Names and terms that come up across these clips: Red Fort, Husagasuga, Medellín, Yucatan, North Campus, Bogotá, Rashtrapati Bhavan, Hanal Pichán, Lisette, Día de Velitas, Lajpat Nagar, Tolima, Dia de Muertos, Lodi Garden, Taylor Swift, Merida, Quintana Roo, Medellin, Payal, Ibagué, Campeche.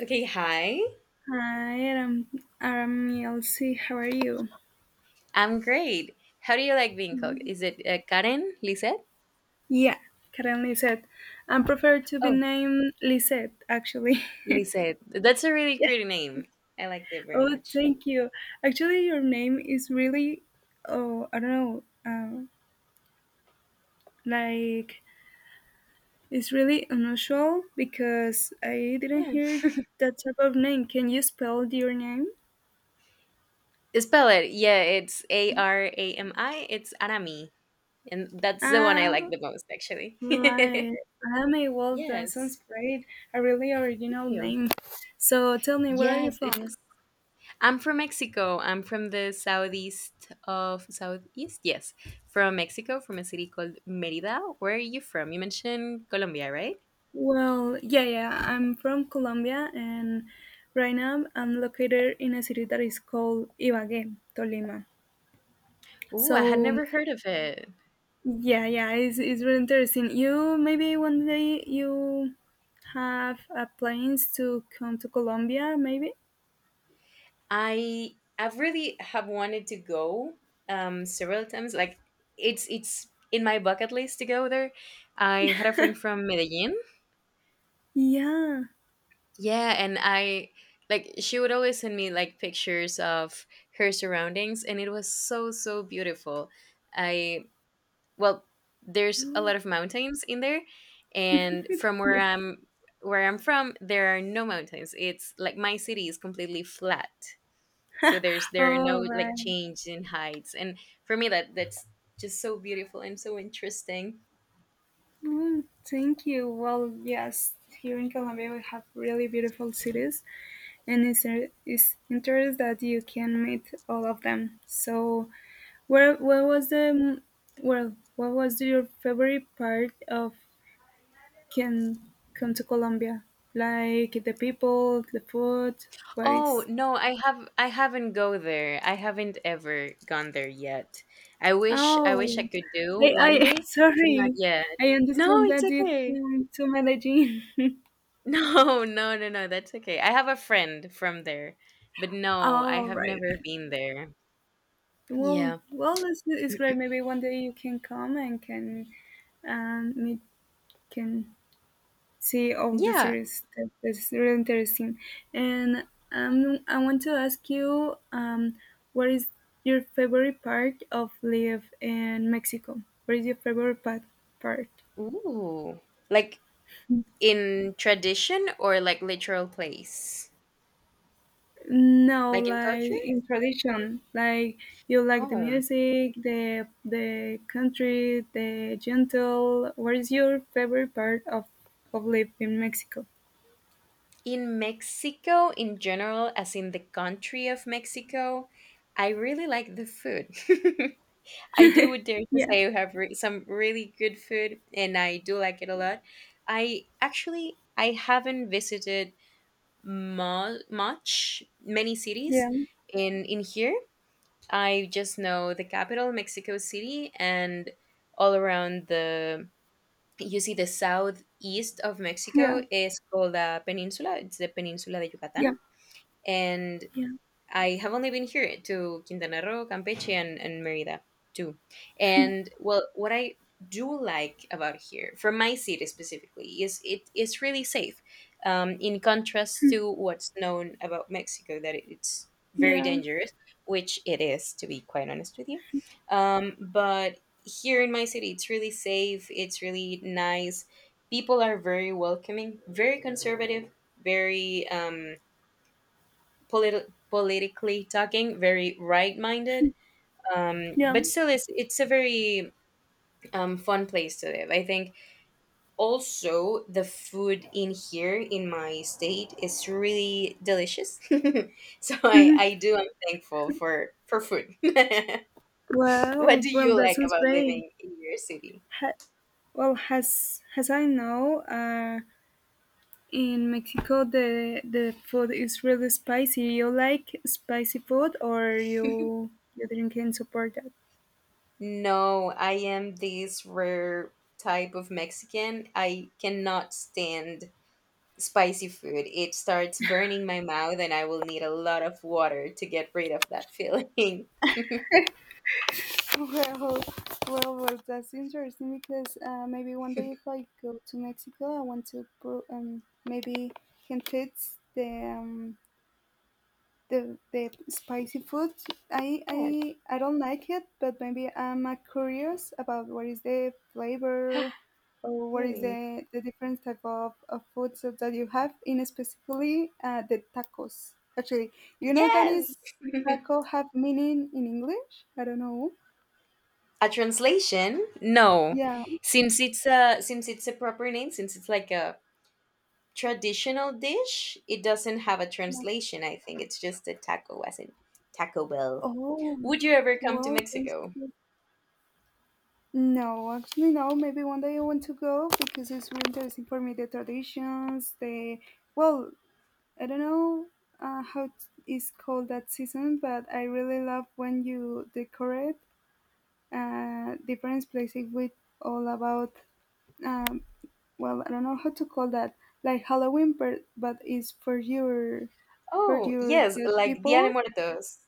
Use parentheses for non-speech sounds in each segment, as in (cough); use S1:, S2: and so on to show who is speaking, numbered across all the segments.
S1: Okay, hi.
S2: Hi, I'm Elsie. How are you?
S1: I'm great. How do you like being called? Is it Karen? Lisette?
S2: Yeah, Karen Lisette. I prefer to be
S1: Oh,
S2: named Lisette, actually.
S1: Lisette. That's a
S2: (laughs)
S1: really
S2: Yeah.
S1: pretty name. I liked it very
S2: Oh,
S1: much.
S2: thank you. Actually, your name is really, oh, I don't know, like it's really unusual because I didn't
S1: Yeah.
S2: hear that type of name. Can you spell your name?
S1: Spell it. Yeah, it's Arami. It's Arami. And that's the one
S2: Ah,
S1: I like the most, actually.
S2: right. I mean,
S1: (laughs)
S2: well, that
S1: Yes.
S2: sounds great. A really
S1: Thank
S2: original
S1: you.
S2: name. So tell me, where are you
S1: Yes,
S2: from?
S1: it was I'm from Mexico. I'm from the southeast of southeast. Yes, from Mexico, from a city called Merida. Where are you from? You mentioned Colombia, right?
S2: Well, yeah, yeah. I'm from Colombia, and right now I'm located in a city that is called Ibagué, Tolima.
S1: Ooh, I had
S2: So,
S1: never heard of it.
S2: yeah, yeah, it's really interesting. You maybe one day you have plans to come to Colombia, maybe?
S1: I I've really have wanted to go several times. It's in my bucket list to go there. I had a friend from Medellin.
S2: Yeah.
S1: Yeah, and I she would always send me like pictures of her surroundings, and it was so so beautiful. I well there's a
S2: Oh,
S1: lot of mountains in there, and from where
S2: yeah.
S1: I'm where I'm from there are no mountains. It's like my city is completely flat, so there are no
S2: All
S1: like
S2: right.
S1: change in heights. And for me, that's just so beautiful and so interesting.
S2: Mm, Thank you. Well, yes, here in Colombia we have really beautiful cities. And it's interesting that you can meet all of them. So, where what was the well, what was your favorite part of can come to Colombia? Like the people, the food. What
S1: Oh
S2: is?
S1: no, I haven't go there. I haven't ever gone there yet. I wish I
S2: Oh,
S1: could do
S2: I
S1: one
S2: I (laughs)
S1: day, but not
S2: sorry,
S1: yet.
S2: I
S1: No,
S2: understand
S1: it's
S2: that you
S1: okay.
S2: came to Medellin. (laughs)
S1: (laughs) No, no, no, no. That's okay. I have a friend from there, but no, I
S2: All
S1: have
S2: right.
S1: never been there.
S2: Well,
S1: Yeah.
S2: well, it's great. Maybe one day you can come and can meet, can see all the
S1: Yeah.
S2: series. That is really interesting. And I want to ask you, what is your favorite part of live in Mexico? What is your favorite part? Part?
S1: Ooh. Like in tradition or like literal place?
S2: No,
S1: Like in
S2: like
S1: culture?
S2: in tradition, like you like the
S1: Oh.
S2: music, the country, the gentle. What is your favorite part of live in Mexico?
S1: In Mexico in general, as in the country of Mexico, I really like the food. (laughs) I do would dare to
S2: Yeah,
S1: say you have some really good food, and I do like it a lot. I Actually, I haven't visited much many cities
S2: yeah,
S1: in here. I just know the capital, Mexico City, and all around the— you see, the southeast of
S2: yeah,
S1: Mexico is called the peninsula. It's the Peninsula de Yucatan,
S2: yeah,
S1: and
S2: yeah,
S1: I have only been here to Quintana Roo, Campeche, and Merida too. And well, what I do like about here, from my city specifically, is it is really safe. In contrast to what's known about Mexico, that it's very
S2: yeah,
S1: dangerous, which it is, to be quite honest with you. But here in my city, it's really safe. It's really nice. People are very welcoming, very conservative, very politically talking, very right minded.
S2: yeah.
S1: But still, it's a very fun place to live. I think also the food in here in my state is really delicious. (laughs) So I do, I'm thankful for food. (laughs) What
S2: Well,
S1: do
S2: well,
S1: you
S2: that
S1: like
S2: sounds
S1: about
S2: great.
S1: living in your city?
S2: Ha well, as I know, in Mexico the food is really spicy. You like spicy food, or you didn't can support that?
S1: No, I am this rare type of Mexican. I cannot stand spicy food. It starts burning my mouth, and I will need a lot of water to get rid of that feeling. (laughs)
S2: Well, well, that's interesting because maybe one day if I go to Mexico, I want to pro maybe can taste the um, the spicy food I, I
S1: Yes.
S2: i don't like it but maybe I'm curious about what is the flavor or
S1: (gasps)
S2: what is
S1: Really.
S2: the different type of foods that you have in specifically the tacos actually you know that is
S1: Yes.
S2: taco have meaning in English I don't know.
S1: A translation? No,
S2: Yeah,
S1: since it's a proper name, since it's like a traditional dish, it doesn't have a
S2: yeah.
S1: translation. I think it's just a taco, as in Taco Bell.
S2: Oh,
S1: Would you ever come to
S2: well, that's
S1: Mexico?
S2: good. No, actually, no, maybe one day I want to go because it's really interesting for me the traditions the well I don't know how it's is called that season, but I really love when you decorate different places with all about. Um, well, I don't know how to call that, like Halloween, but it's for
S1: Oh
S2: your
S1: yes,
S2: dead
S1: like Dia de
S2: people.
S1: Muertos.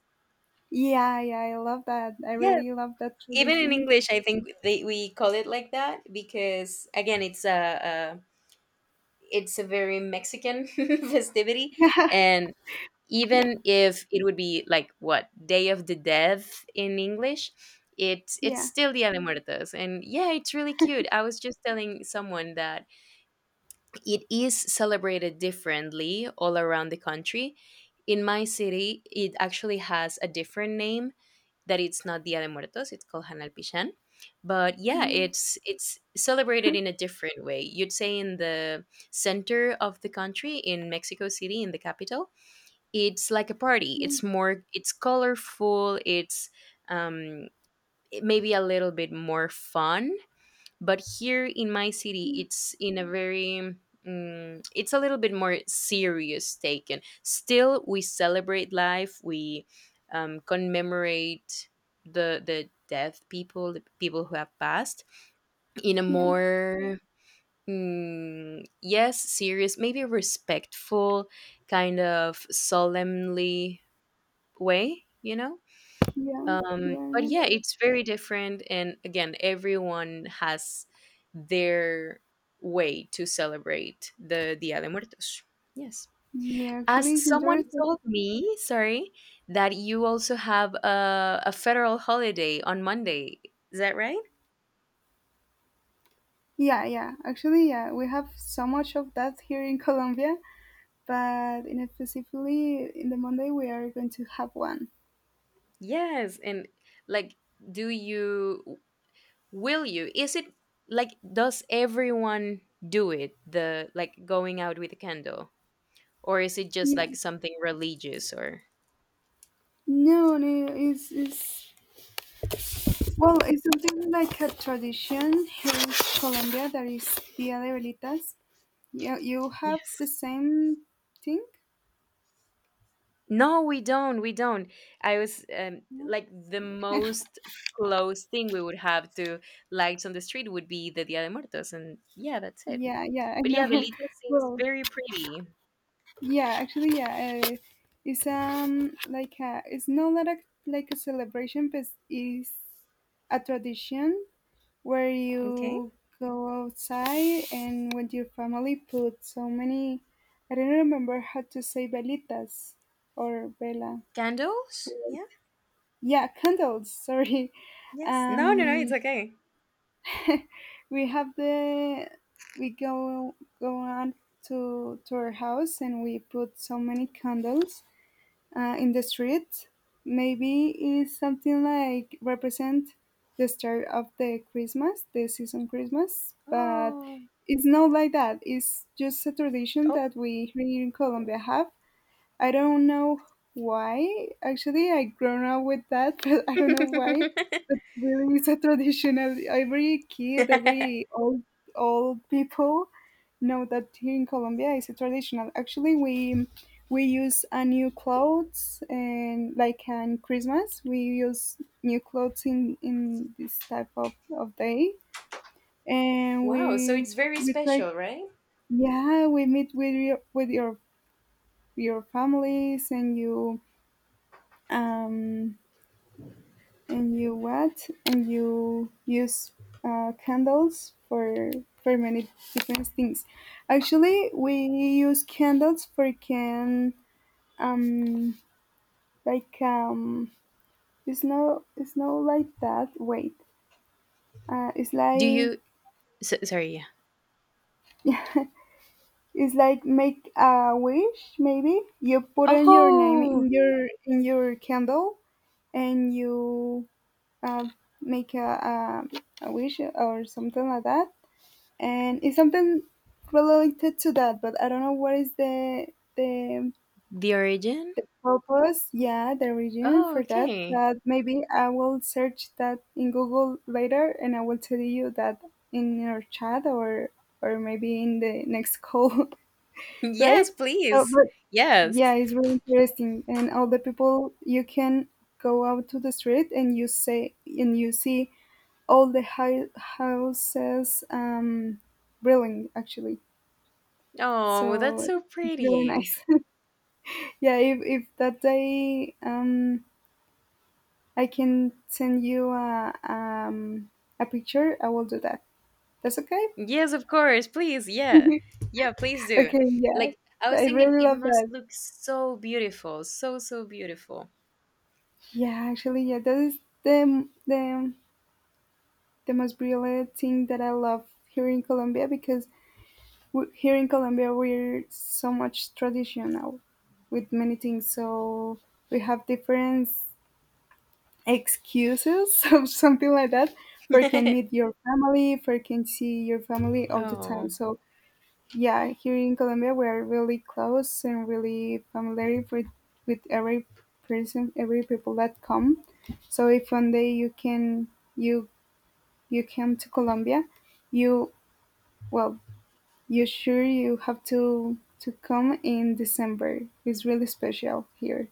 S2: Yeah, yeah, I love that. I
S1: Yes.
S2: really love that
S1: Even in
S2: tradition.
S1: English, I think we call it like that, because again, it's a— it's a very Mexican (laughs) festivity.
S2: (laughs)
S1: And
S2: Yeah,
S1: even if it would be like what day of the dead in English, it's
S2: yeah,
S1: still Dia de Muertos. And yeah, it's really cute. I was just telling someone that it is celebrated differently all around the country. In my city it actually has a different name, that it's not Dia de Muertos, it's called Hanal Pichán. But yeah,
S2: yeah,
S1: it's celebrated in a different way. You'd say in the center of the country, in Mexico City, in the capital, it's like a party.
S2: yeah,
S1: It's colorful. It's um, it maybe a little bit more fun. But here in my city,
S2: yeah,
S1: it's in a very it's a little bit more serious taken. Still, we celebrate life. We commemorate the death people, the people who have passed, in a
S2: yeah,
S1: more yes, serious, maybe respectful kind of solemnly way, you know.
S2: yeah, yeah.
S1: But yeah, it's very different, and again, everyone has their way to celebrate the Dia de Muertos. Yes,
S2: Yeah,
S1: as
S2: actually, it's
S1: someone
S2: interesting.
S1: told me, sorry, that you also have a federal holiday on Monday, is that right?
S2: Yeah, yeah. Actually, yeah, we have so much of that here in Colombia, but in specifically in the Monday we are going to have one.
S1: Yes, and like, do you will you is it like, does everyone do it the like going out with a candle, or is it just
S2: Yeah.
S1: like something religious or—
S2: No, no, it's well, it's something like a tradition here in Colombia that is Dia de Velitas. Yeah, you have the
S1: Yes.
S2: same thing.
S1: No, we don't. We don't. I was
S2: No?
S1: like the
S2: (laughs)
S1: most close thing we would have to lights on the street would be the Dia de Muertos, and yeah, that's it.
S2: Yeah, yeah, I
S1: But yeah,
S2: know.
S1: velita seems
S2: Well,
S1: very pretty.
S2: yeah, actually, yeah, it's like a, it's not like a, like a celebration, but it's a tradition where
S1: Okay.
S2: you go outside and with your family put so many I don't remember how to say velitas or vela.
S1: Candles? Yeah.
S2: Yeah, candles, (laughs) sorry.
S1: Yes. No, no, no.
S2: Um
S1: It's okay.
S2: we have the we go on to our house and we put so many candles in the street. Maybe it's something like represent the start of the Christmas, the season Christmas, but
S1: Oh.
S2: it's not like that. It's just a tradition
S1: Oh.
S2: that we here in Colombia have. I don't know why. Actually, I grown up with that, (laughs) but I don't know why. But really, it's a traditional. Every kid, every old people know that here in Colombia it's a traditional. Actually, we use a new clothes and like on Christmas we use new clothes in this type of day,
S1: (laughs)
S2: and
S1: Wow. So
S2: we
S1: it's very
S2: we try.
S1: special, right?
S2: Yeah, we meet with your your families um, and you what? And you use candles for many different things. Actually, we use candles for can um like it's no like that. Wait, it's
S1: Do
S2: like
S1: you? So, sorry. Yeah.
S2: (laughs) it's like make a wish maybe. You put in your name
S1: Oh,
S2: in your candle and you uh, make a wish or something like that and it's something related to that but I don't know what is the
S1: the origin.
S2: the purpose, yeah, the reason
S1: Oh,
S2: for that
S1: okay. (laughs)
S2: but maybe I will search that in Google later and I will tell you that in your chat or maybe in the next call. (laughs) Right,
S1: Yes,
S2: so
S1: please.
S2: but
S1: Yes.
S2: yeah it's really interesting and all the people you can go out to the street and you say and you see all the high houses building actually
S1: Oh, that's
S2: so
S1: so
S2: it's really
S1: pretty.
S2: nice. (laughs) Yeah, if that day I can send you a picture, I will do that. That's okay.
S1: Yes, of course. Please, yeah.
S2: (laughs)
S1: Yeah, please do.
S2: Okay, yeah,
S1: Like I was
S2: I
S1: thinking
S2: really
S1: it
S2: love
S1: must
S2: that.
S1: look so beautiful. So so beautiful.
S2: Yeah, actually, yeah, that is the the most brilliant thing that I love here in Colombia because we, here in Colombia we're so much traditional with many things. So we have different excuses (laughs) or something like that for can meet
S1: (laughs)
S2: your family for can see your family all the time
S1: Oh.
S2: so yeah here in Colombia we're really close and really familiar with every person every people that come so if one day you can you you come to Colombia you well you sure you have to come in December it's really special here.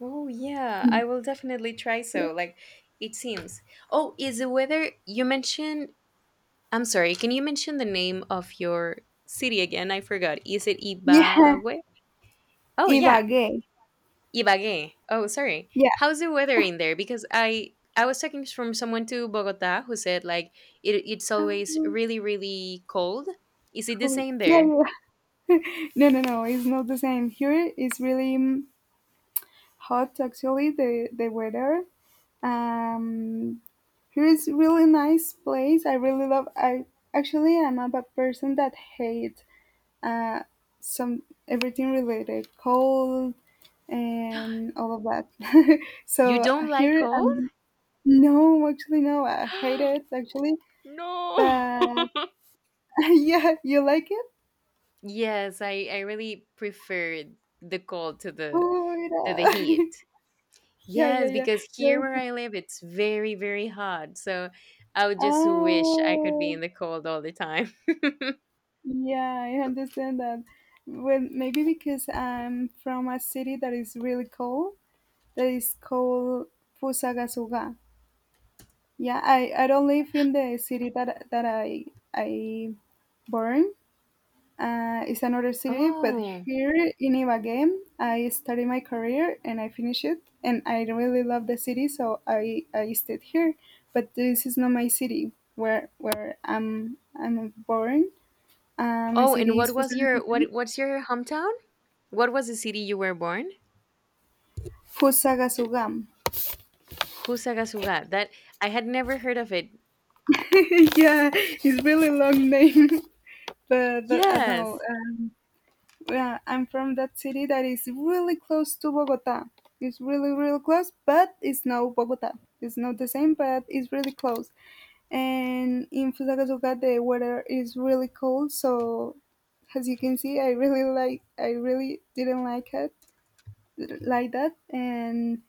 S1: Oh yeah, I will definitely try
S2: Yeah.
S1: so. Like it seems. Oh, is the weather— you mentioned— I'm sorry, can you mention the name of your city again? I forgot. Is it
S2: (laughs) Yeah.
S1: Ibagué? Oh yeah.
S2: Ibagué.
S1: Ibagué. Oh, sorry.
S2: Yeah.
S1: How's the weather in there? Because I was talking from someone to Bogota, who said like it's always
S2: Oh,
S1: really really cold. Is it the
S2: cool,
S1: same
S2: yeah,
S1: there?
S2: yeah. (laughs) No, no, no. It's not the same. Here it's really hot. Actually, the weather. Um, Here is really nice place. I really love. I actually I'm a bad person that hate uh some everything related cold
S1: (gasps)
S2: and all of that. (laughs)
S1: You
S2: So
S1: don't like
S2: here
S1: cold?
S2: no, actually, no. I hate it actually.
S1: (gasps) No.
S2: But
S1: (laughs)
S2: (laughs) yeah, you like it?
S1: Yes, I really prefer the cold to the
S2: Oh, yeah,
S1: heat.
S2: (laughs) yeah, yeah,
S1: Yes,
S2: yeah.
S1: because here
S2: You're
S1: where
S2: the-
S1: I live it's very very hot. So I would just wish I could be
S2: Oh.
S1: in the cold all the time. (laughs)
S2: Yeah, I understand that. Well, maybe because I'm from a city that is really cold, that is called Fusagasugá. Yeah, I don't live in the city that I born. It's another city, but
S1: Oh.
S2: here in Ibagué, I started my career and I finished it, and I really love the city, so I stayed here. But this is not my city where I'm born. My
S1: Oh, and
S2: city is
S1: what was your—
S2: Fusagasugá.
S1: what's your hometown? What was the city you were born?
S2: Fusagasugam.
S1: Husagasuga. That— I had never heard of it.
S2: (laughs) Yeah, it's really long name, (laughs) but I know.
S1: Yes.
S2: Yeah, I'm from that city that is really close to Bogota. It's really really close, but it's not Bogota. It's not the same, but it's really close. And in Fusagasugá, the weather is really cold, so as you can see, I really like. I really didn't like it like that, and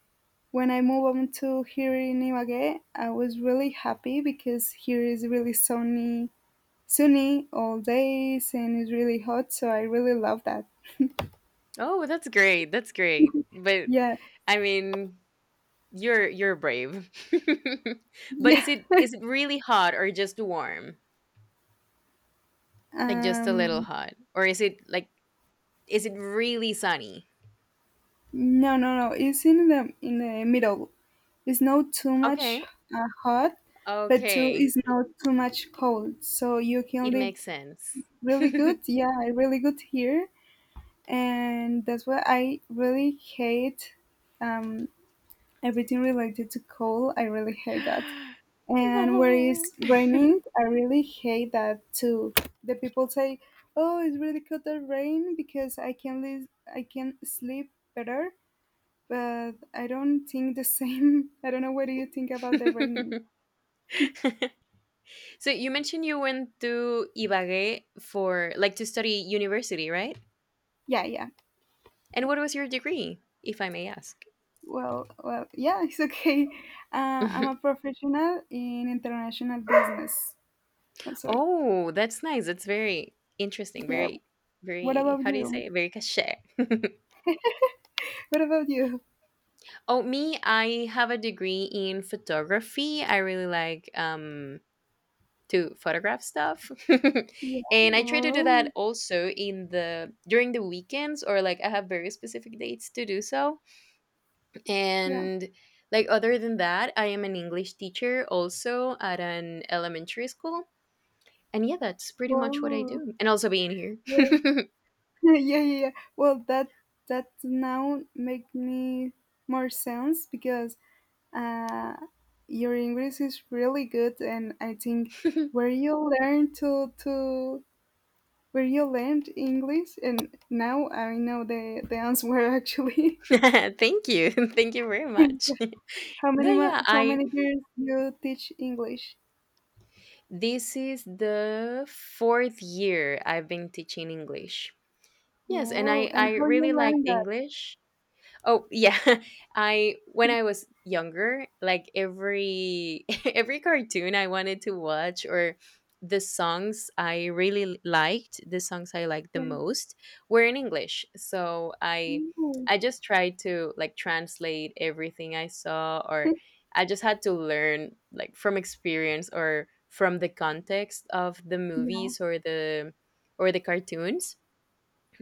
S2: when I moved on to here in Ibagué, I was really happy because here is really sunny, sunny all days, and it's really hot. So I really love that.
S1: Oh, that's great. That's great. But
S2: Yeah,
S1: I mean, you're brave. (laughs) But
S2: (laughs) yeah.
S1: is it really hot or just warm? Like just a little
S2: Um,
S1: hot? Or is it like, is it really sunny?
S2: no, no, no. It's in the middle. It's not too much
S1: Okay.
S2: hot, but too
S1: Okay.
S2: it's not too much cold. So you can
S1: It
S2: live
S1: makes sense.
S2: really good.
S1: (laughs)
S2: Yeah, really good here, and that's why I really hate um everything related to cold. I really hate that. And where
S1: No.
S2: it's raining, I really hate that too. The people say, "Oh, it's really cold the rain because I can live, I can sleep better." But I don't think the same. (laughs) I don't know what do you think about the raining.
S1: (laughs) So you mentioned you went to Ibagué for like to study university, right?
S2: Yeah, yeah.
S1: And what was your degree, if I may ask?
S2: Well, yeah, (laughs) it's okay. I'm a
S1: (laughs)
S2: professional in international business. Oh, sorry.
S1: Oh, that's nice. That's very interesting.
S2: Yeah.
S1: Very,
S2: What
S1: very.
S2: about
S1: How do you
S2: you?
S1: say it? Very cachet. (laughs)
S2: What about you?
S1: Oh, me. I have a degree in photography. I really like to photograph stuff, (laughs)
S2: Yeah.
S1: and I try to do
S2: Whoa.
S1: that also in the during the weekends, or like I have very specific dates to do so.
S2: Yeah.
S1: And like other than that, I am an English teacher also at an elementary school, and yeah, that's pretty much what I
S2: Whoa.
S1: do, and also being here.
S2: Well,
S1: (laughs)
S2: (laughs) yeah, yeah, yeah. Well, that now make me more sense because uh, your English is really good, and I think where you learn to where you learned English, and now I know the answer actually.
S1: Thank you. (laughs) Thank you very much.
S2: (laughs) how
S1: (laughs) No,
S2: many mo-
S1: yeah,
S2: how
S1: I
S2: many years you teach English?
S1: this is the fourth year I've been teaching English. Yes, and
S2: Wow, and
S1: I
S2: how
S1: really
S2: you
S1: liked
S2: learn that?
S1: English. Oh yeah, (laughs) I— when I
S2: (laughs)
S1: was younger, like every (laughs) every cartoon I wanted to watch, or the songs I really liked, the songs I liked the
S2: Yeah.
S1: most were in English. So
S2: Ooh.
S1: I just tried to like translate everything I saw, or I just had to learn like from experience or from the context of the movies
S2: (laughs)
S1: or the cartoons,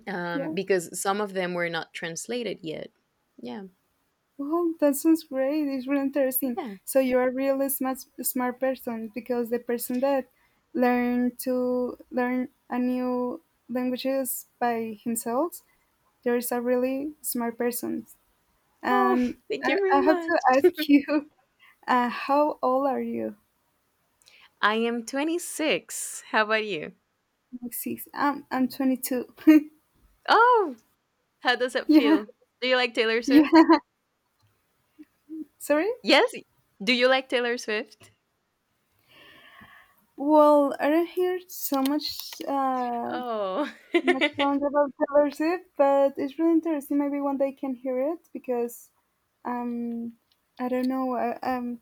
S2: Yeah.
S1: because some of them were not translated yet. Yeah.
S2: Well, that sounds great. It's really interesting.
S1: Yeah.
S2: So you are a really smart smart person because the person that learn to learn a new languages by himself, there is a really smart person.
S1: Oh,
S2: And
S1: (laughs) thank you
S2: I
S1: very
S2: have to
S1: much.
S2: ask (laughs) you, how old are you?
S1: I am 26. How about you?
S2: I'm Six. I'm 22. (laughs)
S1: Oh, how does it
S2: Yeah,
S1: feel? Do you like Taylor Swift?
S2: yeah. Sorry.
S1: Yes. Do you like Taylor Swift?
S2: Well, I don't hear so much.
S1: Oh.
S2: So much songs about Taylor Swift, but it's really interesting. Maybe one day I can hear it because um, I don't know.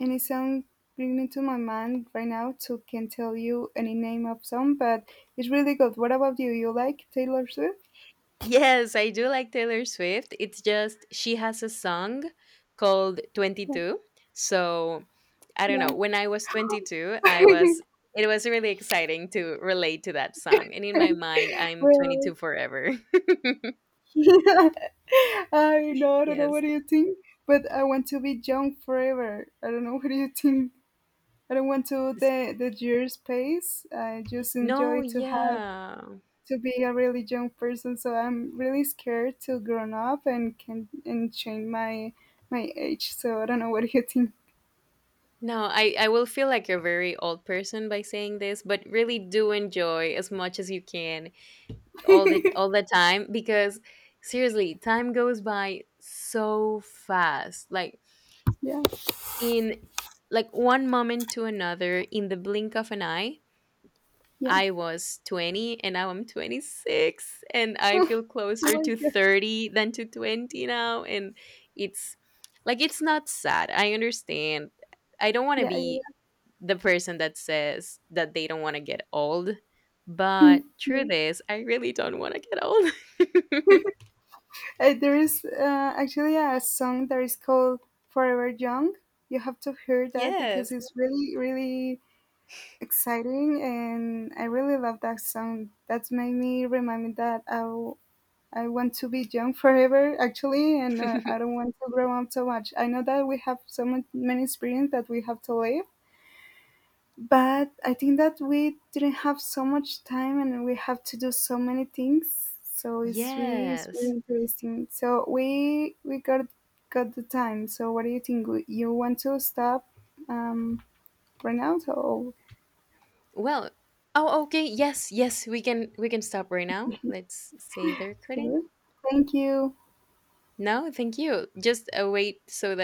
S2: Any song bring me to my mind right now, so can tell you any name of song, but it's really good. What about you? You like Taylor Swift?
S1: (laughs) Yes, I do like Taylor Swift. It's just she has a song called 22. So, I don't
S2: Yeah. Yeah.
S1: know. When I was 22, I was—
S2: (laughs)
S1: it was really exciting to relate to that song. And in my mind, I'm
S2: Well,
S1: 22 forever.
S2: (laughs) I know. I
S1: (laughs)
S2: don't know. What
S1: Yes.
S2: do you think? But I want to be young forever. I don't know. What do you think? I don't want to the years pace. I just
S1: No,
S2: enjoy to have
S1: yeah.
S2: to be a really young person, so I'm really scared to grown up and can and change my age. So I don't know what do you think.
S1: No, I will feel like a very old person by saying this, but really do enjoy as much as you can all
S2: (laughs)
S1: the time, because seriously, time goes by so fast. Like
S2: Yeah,
S1: in— like one moment to another, in the blink of an eye,
S2: yeah.
S1: I was 20, and now I'm 26, and
S2: (laughs)
S1: I
S2: Oh
S1: feel closer
S2: my
S1: to
S2: god.
S1: 30 than to 20 now. And it's— like, it's not sad. I understand. I don't want to
S2: Yeah, yeah.
S1: be the person that says that they don't want to get old.
S2: Yeah.
S1: But
S2: (laughs) Yeah.
S1: truth is, I really don't want to get old. (laughs)
S2: There is actually a song that is called Forever Young. You have to hear that because
S1: Yes.
S2: it's really, really exciting, and I really love that song. That's made me remind me that I want to be young forever, actually, and
S1: (laughs)
S2: I don't want to grow up so much. I know that we have so much, many experience that we have to live, but I think that we didn't have so much time and we have to do so many things. So it's really
S1: Yes.
S2: interesting. So we got the time. So what do you think? You want to stop um, right now? So
S1: Well, oh okay, yes, yes, we can stop right
S2: (laughs)
S1: now.
S2: can
S1: Let's say they're quitting.
S2: you? Thank you.
S1: No, thank you. Just wait so that